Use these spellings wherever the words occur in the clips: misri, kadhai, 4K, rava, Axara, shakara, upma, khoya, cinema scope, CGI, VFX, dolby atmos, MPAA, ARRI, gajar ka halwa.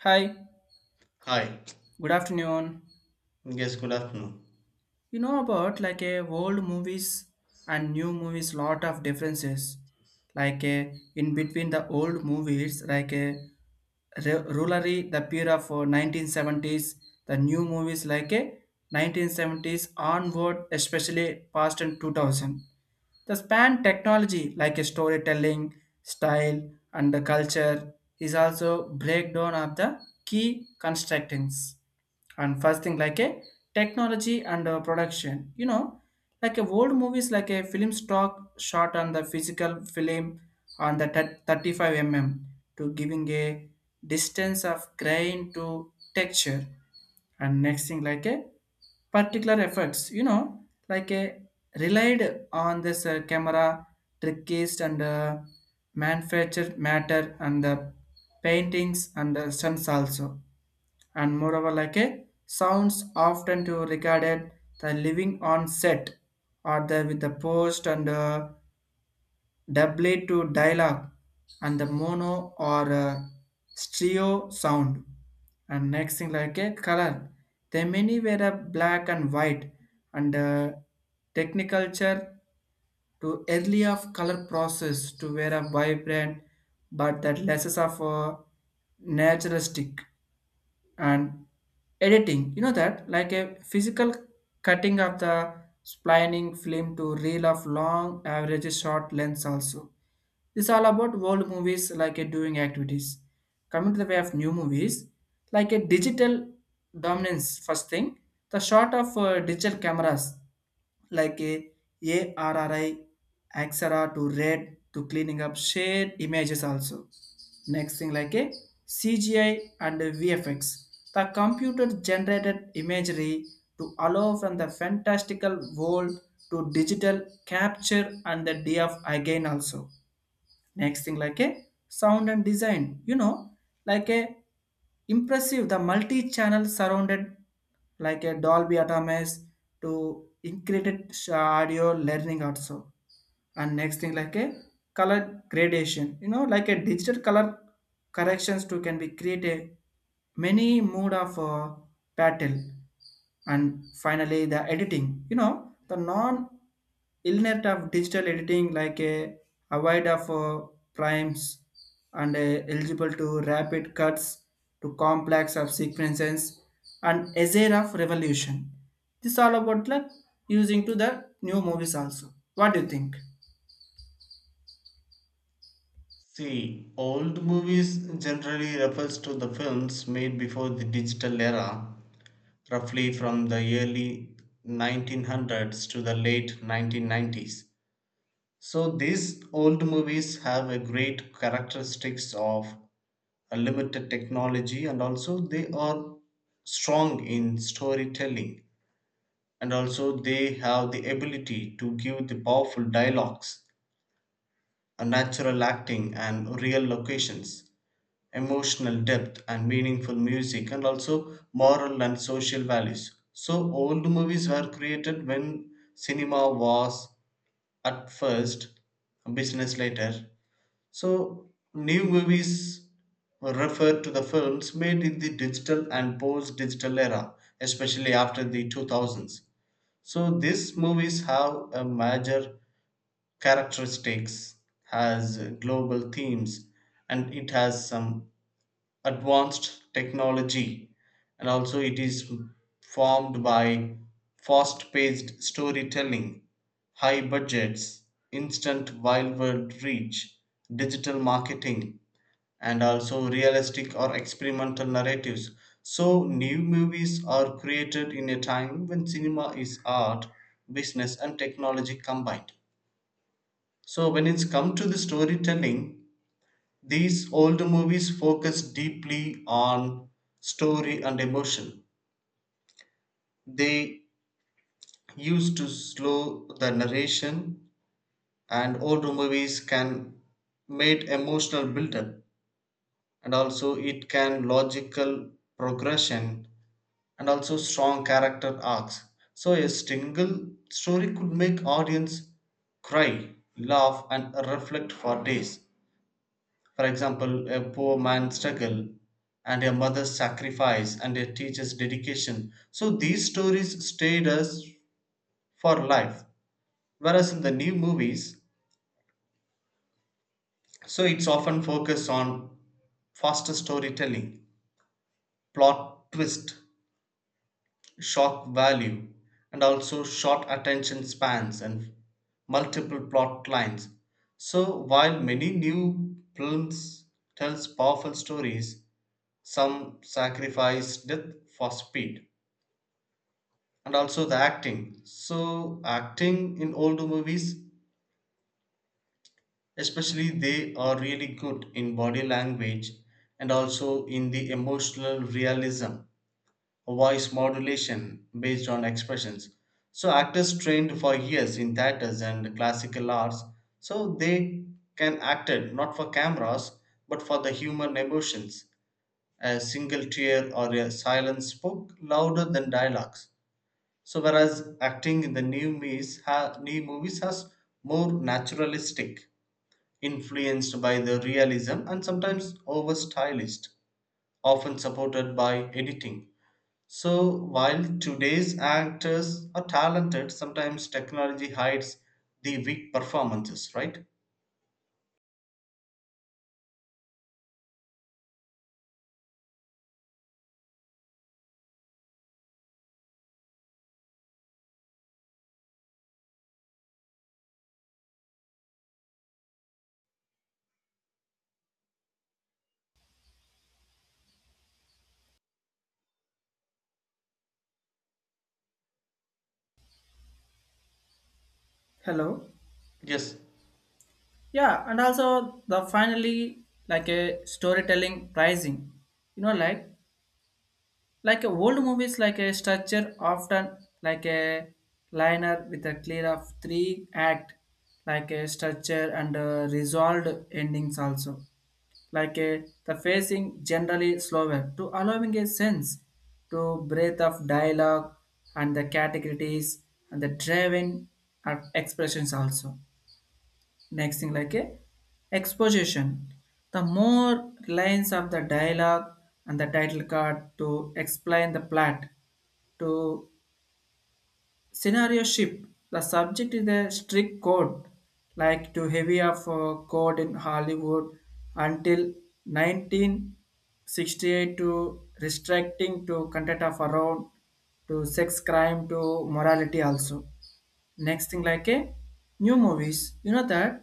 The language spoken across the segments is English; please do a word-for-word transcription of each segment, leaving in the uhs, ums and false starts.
Hi, Hi. good afternoon. Yes, good afternoon. You know about like a old movies and new movies lot of differences. Like a, in between the old movies like a Re- Rulari the period of uh, nineteen seventies, the new movies like a nineteen seventies onward especially past and two thousand. The span technology like a storytelling style and the culture is also breakdown of the key constructings and first thing like a technology and uh, production you know like a old movies like a film stock shot on the physical film on the thir- thirty-five millimeters to giving a distance of grain to texture and next thing like a particular effects you know like a relied on this uh, camera trickiest and uh, manufactured matter and the paintings and the stunts also. And moreover like a sounds often to regarded the living on set or the with the post and uh, doubly to dialogue and the mono or uh, stereo sound and next thing like a color they many were a black and white and uh, techniculture to early of color process to wear a vibrant but that less of a naturalistic and editing you know that like a physical cutting of the splining film to reel of long average short lengths also. This all about old movies like a doing activities coming to the way of new movies like a digital dominance first thing the shot of uh, digital cameras like a ARRI, Axara to red to cleaning up shared images also. Next thing like a C G I and V F X. The computer generated imagery to allow from the fantastical world to digital capture and the day of again also next thing like a sound and design you know like a impressive the multi-channel surrounded like a Dolby Atmos to included audio learning also and next thing like a color gradation you know like a digital color corrections to can be created many mood of uh, battle and finally the editing you know the non illnet of digital editing like a avoid of uh, primes and uh, eligible to rapid cuts to complex of sequences and azure of revolution. This all about like using to the new movies also. What do you think? See, old movies generally refers to the films made before the digital era, roughly from the early nineteen hundreds to the late nineteen nineties. So these old movies have a great characteristics of a limited technology, and also they are strong in storytelling, and also they have the ability to give the powerful dialogues. A natural acting and real locations, emotional depth and meaningful music, and also moral and social values. So old movies were created when cinema was at first, business later. So new movies refer to the films made in the digital and post digital era, especially after the two thousands. So these movies have a major characteristics, has global themes, and it has some advanced technology, and also it is formed by fast-paced storytelling, high budgets, instant wildward reach, digital marketing, and also realistic or experimental narratives. So new movies are created in a time when cinema is art, business and technology combined. So when it's come to the storytelling, these older movies focus deeply on story and emotion. They used to slow the narration, and older movies can made emotional buildup, and also it can logical progression, and also strong character arcs. So a single story could make audience cry, laugh and reflect for days. For example, a poor man's struggle and a mother's sacrifice and a teacher's dedication. So these stories stayed us for life. Whereas in the new movies, so it's often focused on faster storytelling, plot twist, shock value, and also short attention spans and multiple plot lines. So while many new films tells powerful stories, some sacrifice death for speed. And also the acting, so acting in old movies, especially they are really good in body language, and also in the emotional realism, voice modulation based on expressions. So actors trained for years in theaters and classical arts, so they can acted not for cameras but for the human emotions. A single tear or a silence spoke louder than dialogues. So whereas acting in the new movies, ha- new movies has more naturalistic, influenced by the realism and sometimes over stylized, often supported by editing. So while today's actors are talented, sometimes technology hides the weak performances, right? Hello. Yes, Yeah, and also the finally like a storytelling pricing. You know, like like a old movies like a structure often like a liner with a clear of three act like a structure and uh, resolved endings also. Like a the facing generally slower to allowing a sense to breadth of dialogue and the categories and the driven uh, expressions also next thing like a exposition the more lines of the dialogue and the title card to explain the plot to scenario ship the subject is a strict code like too heavy of a code in Hollywood until nineteen sixty-eight to restricting to content of around to sex crime to morality also. Next thing like a new movies, you know that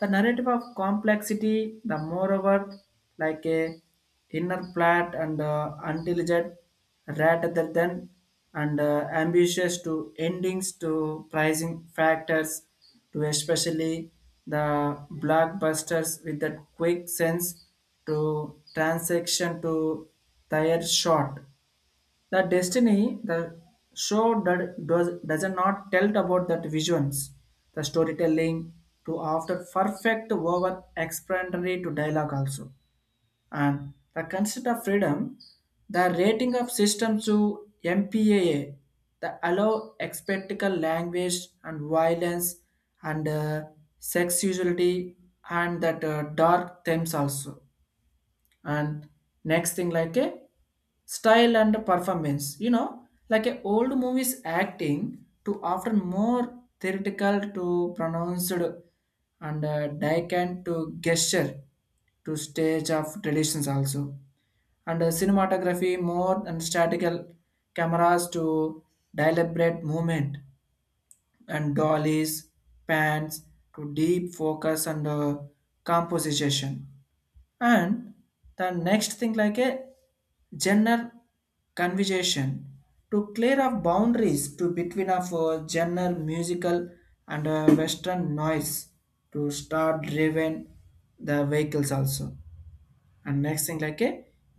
the narrative of complexity, the moreover like a inner plot and uh, intelligent rather than and uh, ambitious to endings to pricing factors to especially the blockbusters with that quick sense to transaction to tire short the destiny the show that does does not tell about that visions, the storytelling to after perfect over explanatory to dialogue also, and the concept of freedom, the rating of systems to M P A A, the allow expectical language and violence and uh, sexuality and that uh, dark themes also. And next thing like a style and performance you know like a old movies acting to often more theoretical to pronounced and uh, dicant to gesture to stage of traditions also and uh, cinematography more and statical cameras to deliberate movement and dollies pans to deep focus and uh, composition and the next thing like a gender conversation to clear up boundaries to between of uh, genre musical and uh, western noise to start driven the vehicles also. And next thing like a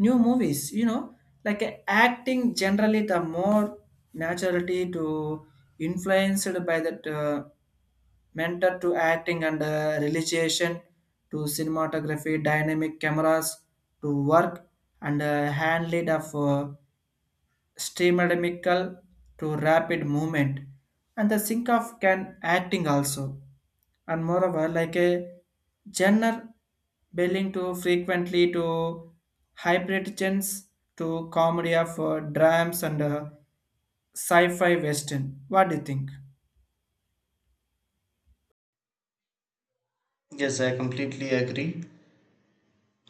new movies you know like a acting generally the more naturality to influenced by that uh, mentor to acting and uh, realization to cinematography dynamic cameras to work and uh, hand lead of uh, streamerdemical to rapid movement and the sync of can acting also. And moreover like a genre belonging to frequently to hybrid genres to comedy of uh, dramas and uh, sci-fi western. What do you think? yes, I completely agree.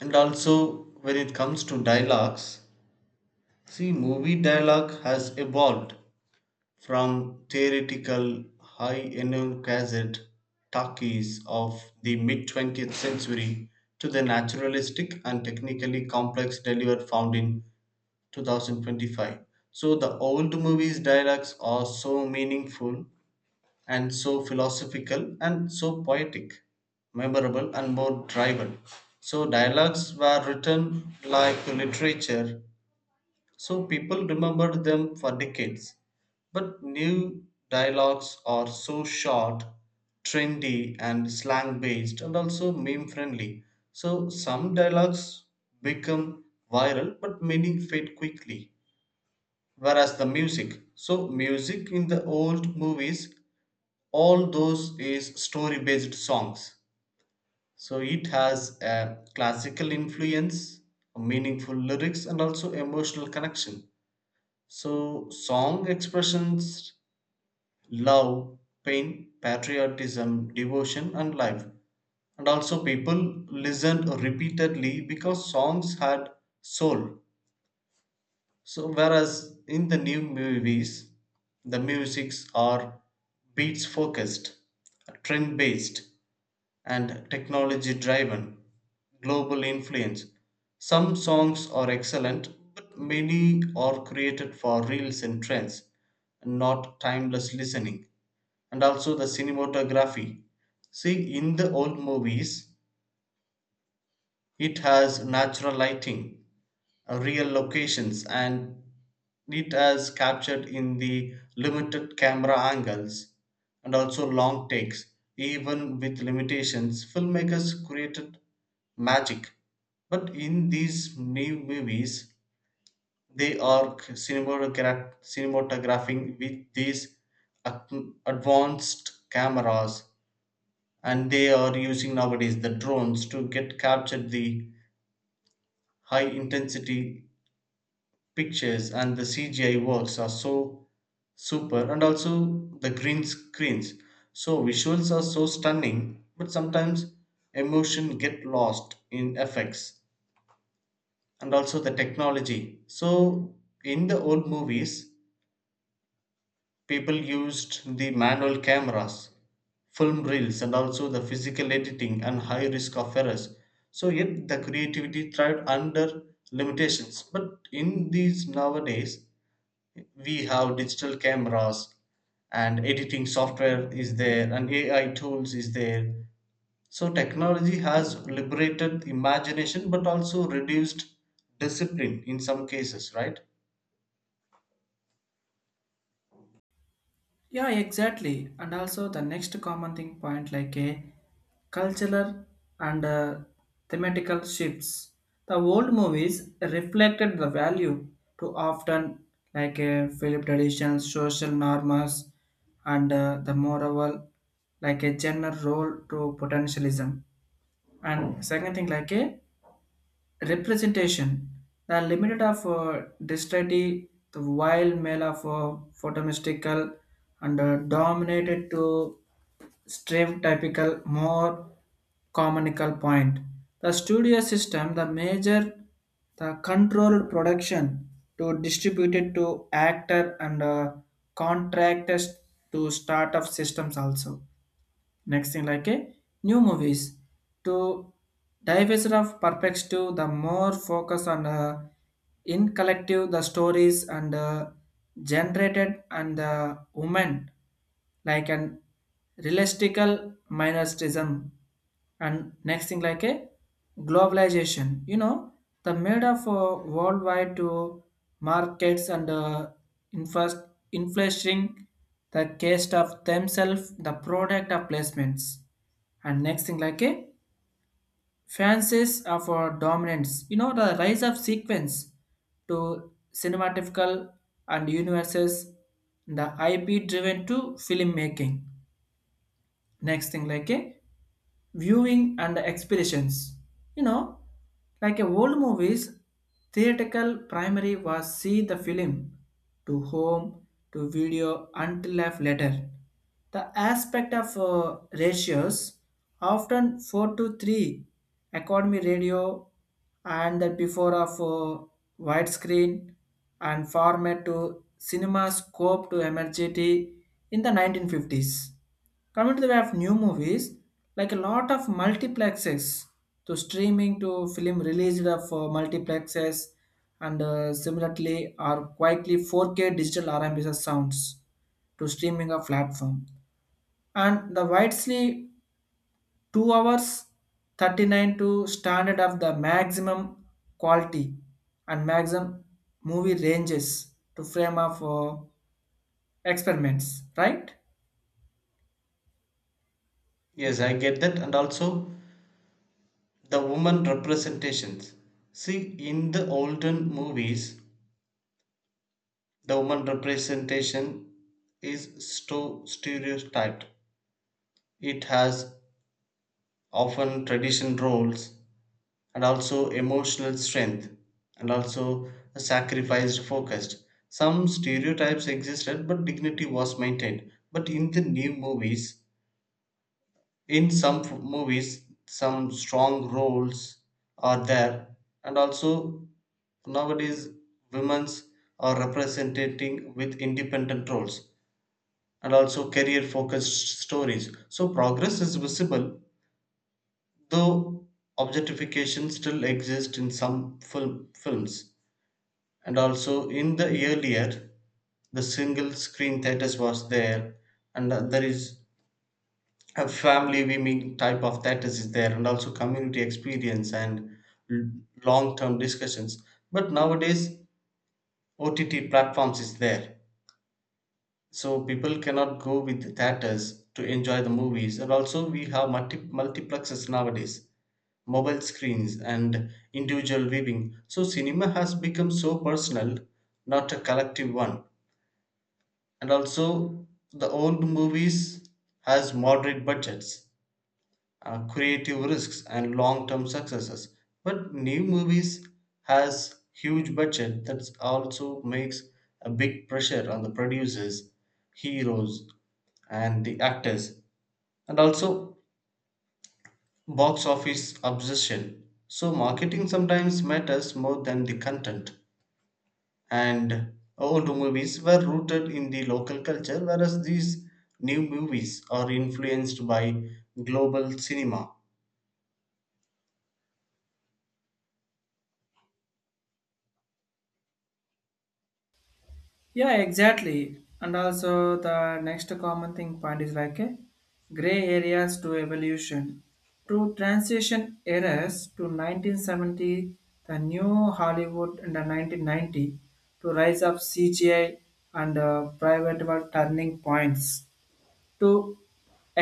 And also, when it comes to dialogues, see, movie dialogue has evolved from theoretical high enum talkies of the mid twentieth century to the naturalistic and technically complex delivery found in two thousand twenty-five. So the old movies' dialogues are so meaningful and so philosophical and so poetic, memorable, and more driven. So dialogues were written like literature, so people remembered them for decades. But new dialogues are so short, trendy, and slang based, and also meme friendly. So some dialogues become viral, but many fade quickly. Whereas the music, so music in the old movies, all those is story based songs. So it has a classical influence, meaningful lyrics, and also emotional connection. So song expressions love, pain, patriotism, devotion, and life. And also, people listened repeatedly because songs had soul. So whereas in the new movies, the musics are beats focused, trend based, and technology driven, global influence. Some songs are excellent, but many are created for reels and trends, not timeless listening. And also the cinematography. See, in the old movies, it has natural lighting, uh, real locations, and it has captured in the limited camera angles and also long takes. Even with limitations, filmmakers created magic. But in these new movies, they are c- cinematogra- cinematographing with these ac- advanced cameras, and they are using nowadays the drones to get captured the high intensity pictures, and the C G I works are so super, and also the green screens. So visuals are so stunning, but sometimes emotion get lost in effects and also the technology. So in the old movies, people used the manual cameras, film reels, and also the physical editing and high risk of errors. So yet the creativity thrived under limitations. But in these nowadays, we have digital cameras and editing software is there and ai tools is there. So technology has liberated imagination but also reduced discipline in some cases, right? Yeah, exactly. And also the next common thing point like a cultural and uh, thematical shifts. The old movies reflected the value to often like a Philip traditions, social norms, and uh, the moral like a general role to potentialism. And second thing like a representation, the limit of uh, dexterity, the wild male of uh, photomystical and uh, dominated to stream typical more communical point. The studio system, the major, the controlled production to distribute it to actor and uh, contractors to start startup systems also next thing like a new movies to divest of perspective the more focus on uh, in collective the stories and uh, generated and the women like an realistical minoritism. And next thing like a globalization you know the made of uh, worldwide to markets and uh, infas- inflation the cost of themselves the product of placements. And next thing like a fancies of our dominance you know the rise of sequence to cinematical and universes the IP driven to filmmaking next thing like a viewing and expeditions you know like a old movies theatrical primary was see the film to home to video until life later the aspect of uh, ratios often four to three economy radio and the before of uh, widescreen and format to cinema scope to emergency in the nineteen fifties. Coming to the way of new movies, like a lot of multiplexes to streaming to film released of uh, multiplexes and uh, similarly are quietly four K digital R M B S sounds to streaming a platform. And the widely two hours thirty-nine to standard of the maximum quality and maximum movie ranges to frame of uh, experiments, right? Yes, I get that. And also the woman representations, see, in the olden movies, the woman representation is sto- stereotyped. It has often tradition roles, and also emotional strength, and also a sacrificed focused. Some stereotypes existed but dignity was maintained. But in the new movies, in some f- movies some strong roles are there. And also nowadays, women's are representing with independent roles and also career focused stories, so progress is visible, though objectification still exists in some film films. And also in the earlier, the single screen theaters was there, and uh, there is a family viewing type of theaters is there, and also community experience and l- long-term discussions. But nowadays ott platforms is there, so people cannot go with the theaters to enjoy the movies. And also we have multi- multiplexes nowadays, mobile screens and individual viewing. So cinema has become so personal, not a collective one. And also the old movies has moderate budgets, uh, creative risks and long-term successes. But new movies has huge budget that also makes a big pressure on the producers, heroes and the actors, and also box office obsession. So marketing sometimes matters more than the content. And old movies were rooted in the local culture, whereas these new movies are influenced by global cinema. Yeah, exactly. And also the next common thing point is like a gray areas to evolution. To transition eras to nineteen seventy, the new Hollywood in the nineteen ninety, to rise of C G I and uh, private world turning points. To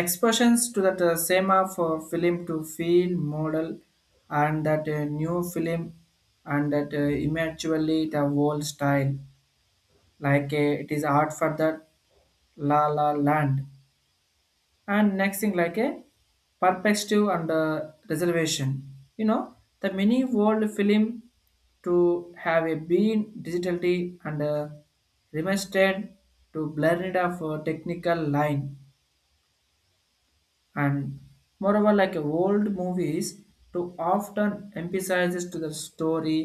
expressions to that uh, same of uh, film to feel model and that uh, new film and that uh, eventually the whole style like a, it is art for the La La Land. And next thing like a perspective and uh, reservation you know the mini world film to have a been digitally and uh, remastered to blurred of uh, technical line and moreover like old movies to often emphasizes to the story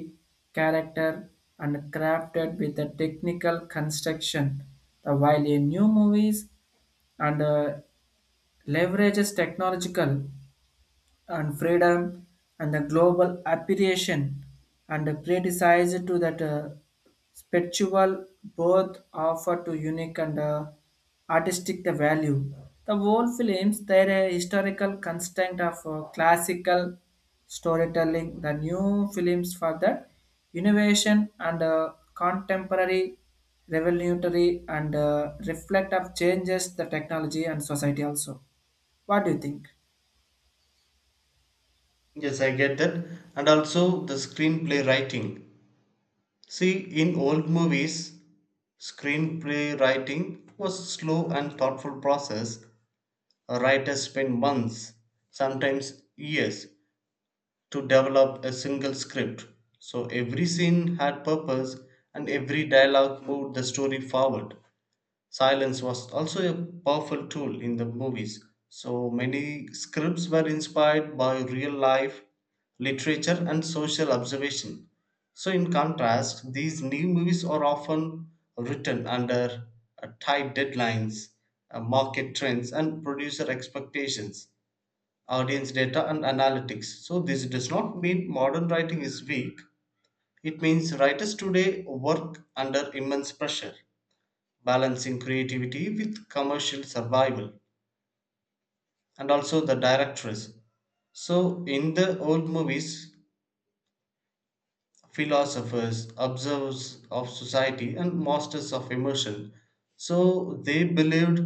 character and crafted with the technical construction the while in new movies and uh, leverages technological and freedom and the global appreciation and criticized to that uh, spiritual both offer to unique and uh, artistic the value. The whole films their uh, historical constraint of uh, classical storytelling, the new films for the innovation and uh, contemporary revolutionary and uh, reflect of changes the technology and society also. What do you think? Yes, I get that. And also the screenplay writing. See, in old movies, screenplay writing was a slow and thoughtful process. A writer spent months, sometimes years, to develop a single script. So every scene had purpose and every dialogue moved the story forward. Silence was also a powerful tool in the movies. So many scripts were inspired by real life, literature, and social observation. So, in contrast, these new movies are often written under uh, tight deadlines, uh, market trends, and producer expectations, audience data, and analytics. So this does not mean modern writing is weak, it means writers today work under immense pressure, balancing creativity with commercial survival. And also the directress, so in the old movies, philosophers observers of society and masters of emotion, so they believed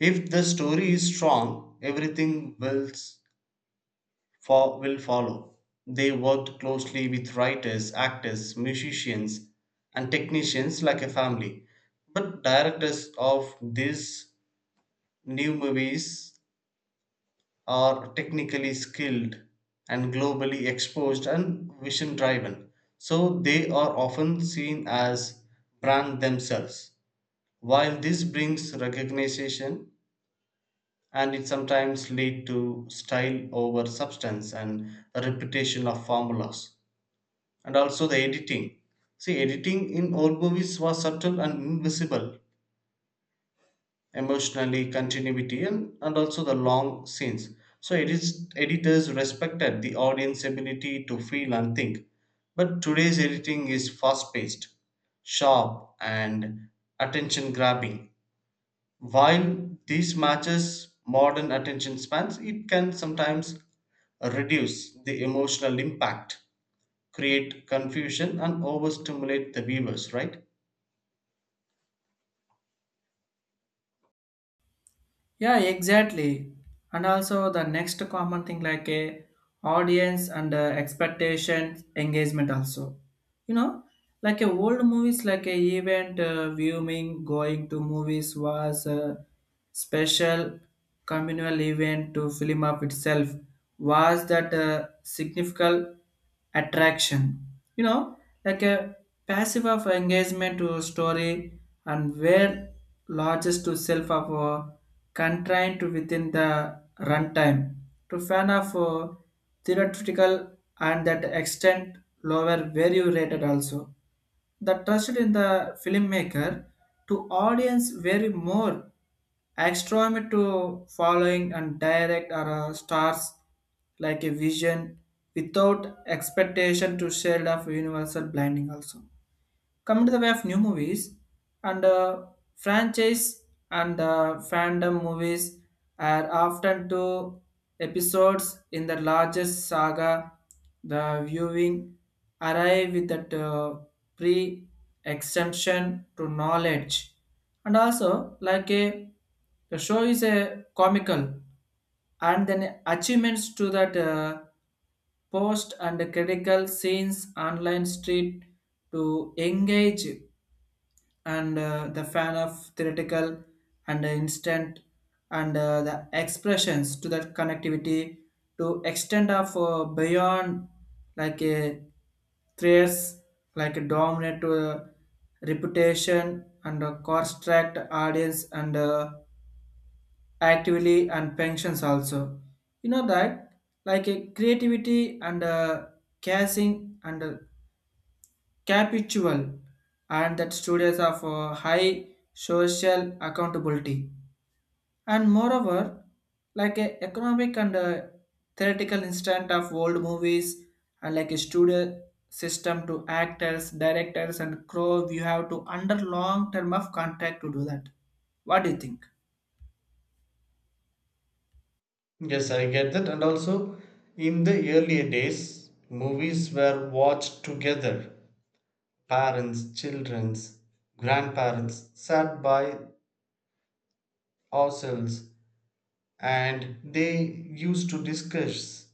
if the story is strong everything will s- fo- will follow. They worked closely with writers, actors, musicians, and technicians like a family. But directors of these new movies are technically skilled and globally exposed and vision driven. So they are often seen as brand themselves. While this brings recognition, and it sometimes lead to style over substance and a repetition of formulas. And also the editing. See, editing in old movies was subtle and invisible, emotionally continuity, and, and also the long scenes. So it is editors respected the audience ability to feel and think. But today's editing is fast paced, sharp and attention grabbing. While this matches modern attention spans, it can sometimes reduce the emotional impact, create confusion and overstimulate the viewers, right? Yeah, exactly. And also the next common thing like a audience and uh, expectations engagement also you know like a old movies like a event uh, viewing going to movies was a special communal event to film of itself was that a significant attraction you know like a passive of engagement to story and where largest to self of uh, constrained to within the runtime to fan of uh, theoretical and that extent lower value rated also. The trust in the filmmaker to audience vary more extreme to following and direct or uh, stars like a vision without expectation to shade of universal blinding also. Come to the way of new movies and uh, franchise and uh, fandom movies are often two episodes in the largest saga. The viewing arrive with that uh, pre-extension to knowledge, and also like a the show is a comical and then achievements to that. Uh, post and critical scenes online street to engage and uh, the fan of theoretical and instant and uh, the expressions to that connectivity to extend of uh, beyond like a threats like a dominant uh, reputation and a construct audience and uh, actively and pensions also you know that like a creativity and a casing and a capitual and that studios of uh, high social accountability and moreover like a economic and a theoretical instant of old movies and like a studio system to actors directors and crew you have to under long term of contract to do that. What do you think? Yes, I get that. And also, in the earlier days, movies were watched together. Parents, childrens, grandparents sat by ourselves, and they used to discuss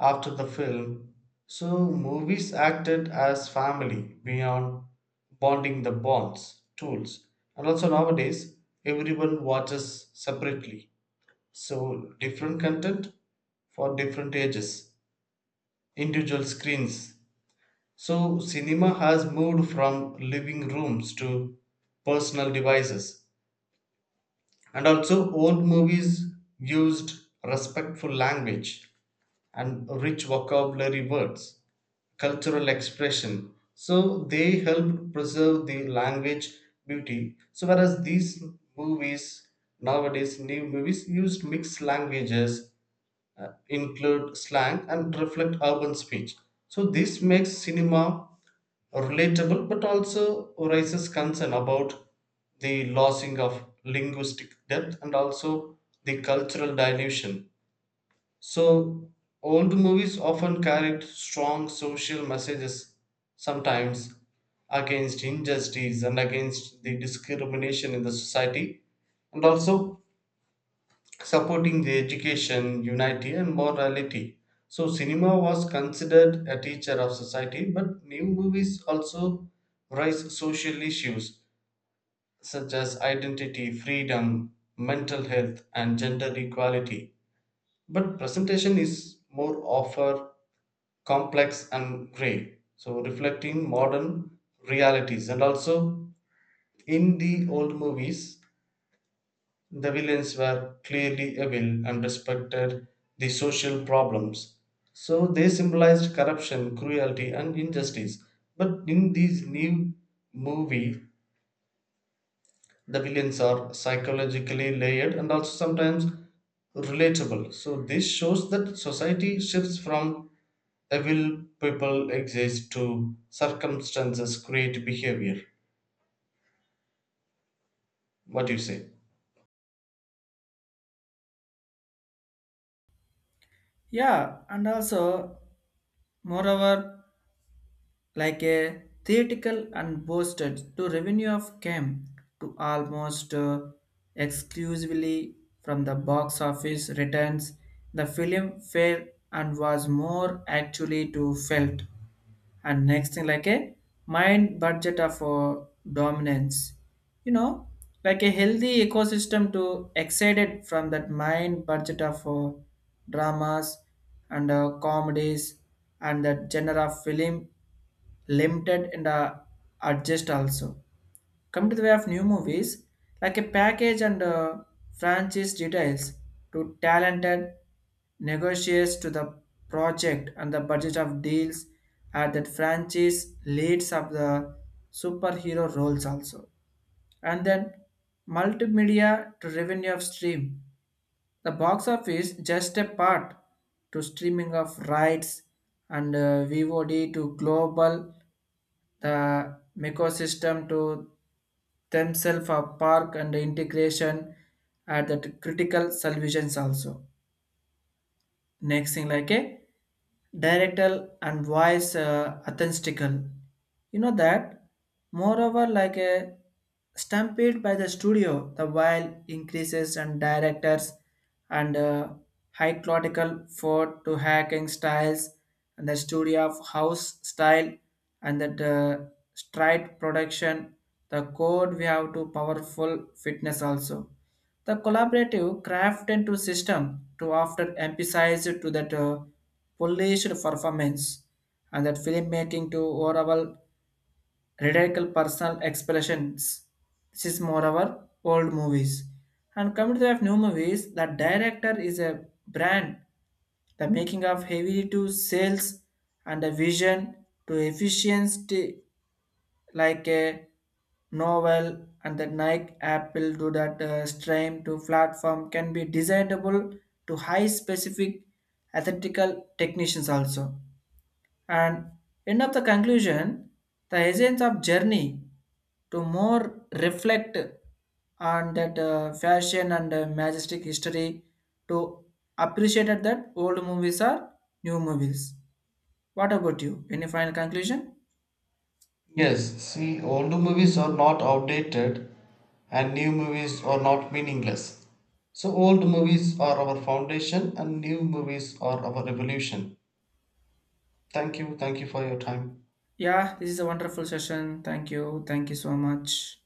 after the film. So movies acted as family beyond bonding the bonds, tools. And also, nowadays, everyone watches separately. So different content for different ages, individual screens. So cinema has moved from living rooms to personal devices. And also, old movies used respectful language and rich vocabulary words, cultural expression. So they helped preserve the language beauty. So whereas these movies nowadays, new movies used mixed languages, uh, include slang, and reflect urban speech. So this makes cinema relatable but also raises concern about the losing of linguistic depth and also the cultural dilution. So old movies often carried strong social messages, sometimes against injustice and against the discrimination in the society, and also supporting the education, unity, and morality. So cinema was considered a teacher of society, but new movies also raise social issues such as identity, freedom, mental health, and gender equality. But presentation is more of complex and grey, so reflecting modern realities. And also, in the old movies, the villains were clearly evil and respected the social problems, so they symbolized corruption, cruelty, and injustice. But in this new movie, the villains are psychologically layered and also sometimes relatable. So this shows that society shifts from evil people exist to circumstances create behavior. What do you say? Yeah, and also moreover like a theatrical and boosted to revenue of came to almost uh, exclusively from the box office returns the film failed and was more actually to felt. And next thing like a mind budget of uh, dominance you know like a healthy ecosystem to excited from that mind budget of uh, dramas and uh, comedies and that genre of film limited and uh, adjust also. Come to the way of new movies, like a package and uh, franchise details to talented negotiates to the project and the budget of deals at that franchise leads of the superhero roles also. And then multimedia to revenue of stream. The box office just a part to streaming of rights and uh, V O D to global the ecosystem to themselves a park and integration at the critical solutions also next thing like a directal and voice uh, authentical you know that moreover like a stampede by the studio the while increases and directors and uh, high clotical for to hacking styles and the studio of house style and that uh, stride production the code we have to powerful fitness also the collaborative craft into system to after emphasize to that uh, polished performance and that filmmaking to overall radical personal expressions. This is moreover old movies. And coming to the new movies, the director is a brand. The making of heavy to sales and a vision to efficiency like a novel and the Nike Apple do that uh, stream to platform can be designable to high specific ethical technicians also. And end of the conclusion, the essence of journey to more reflect on that uh, fashion and uh, majestic history to appreciate that old movies are new movies. What about you? Any final conclusion? Yes, see, older movies are not outdated and new movies are not meaningless. So old movies are our foundation and new movies are our revolution. Thank you. Thank you for your time. Yeah, this is a wonderful session. Thank you. Thank you so much.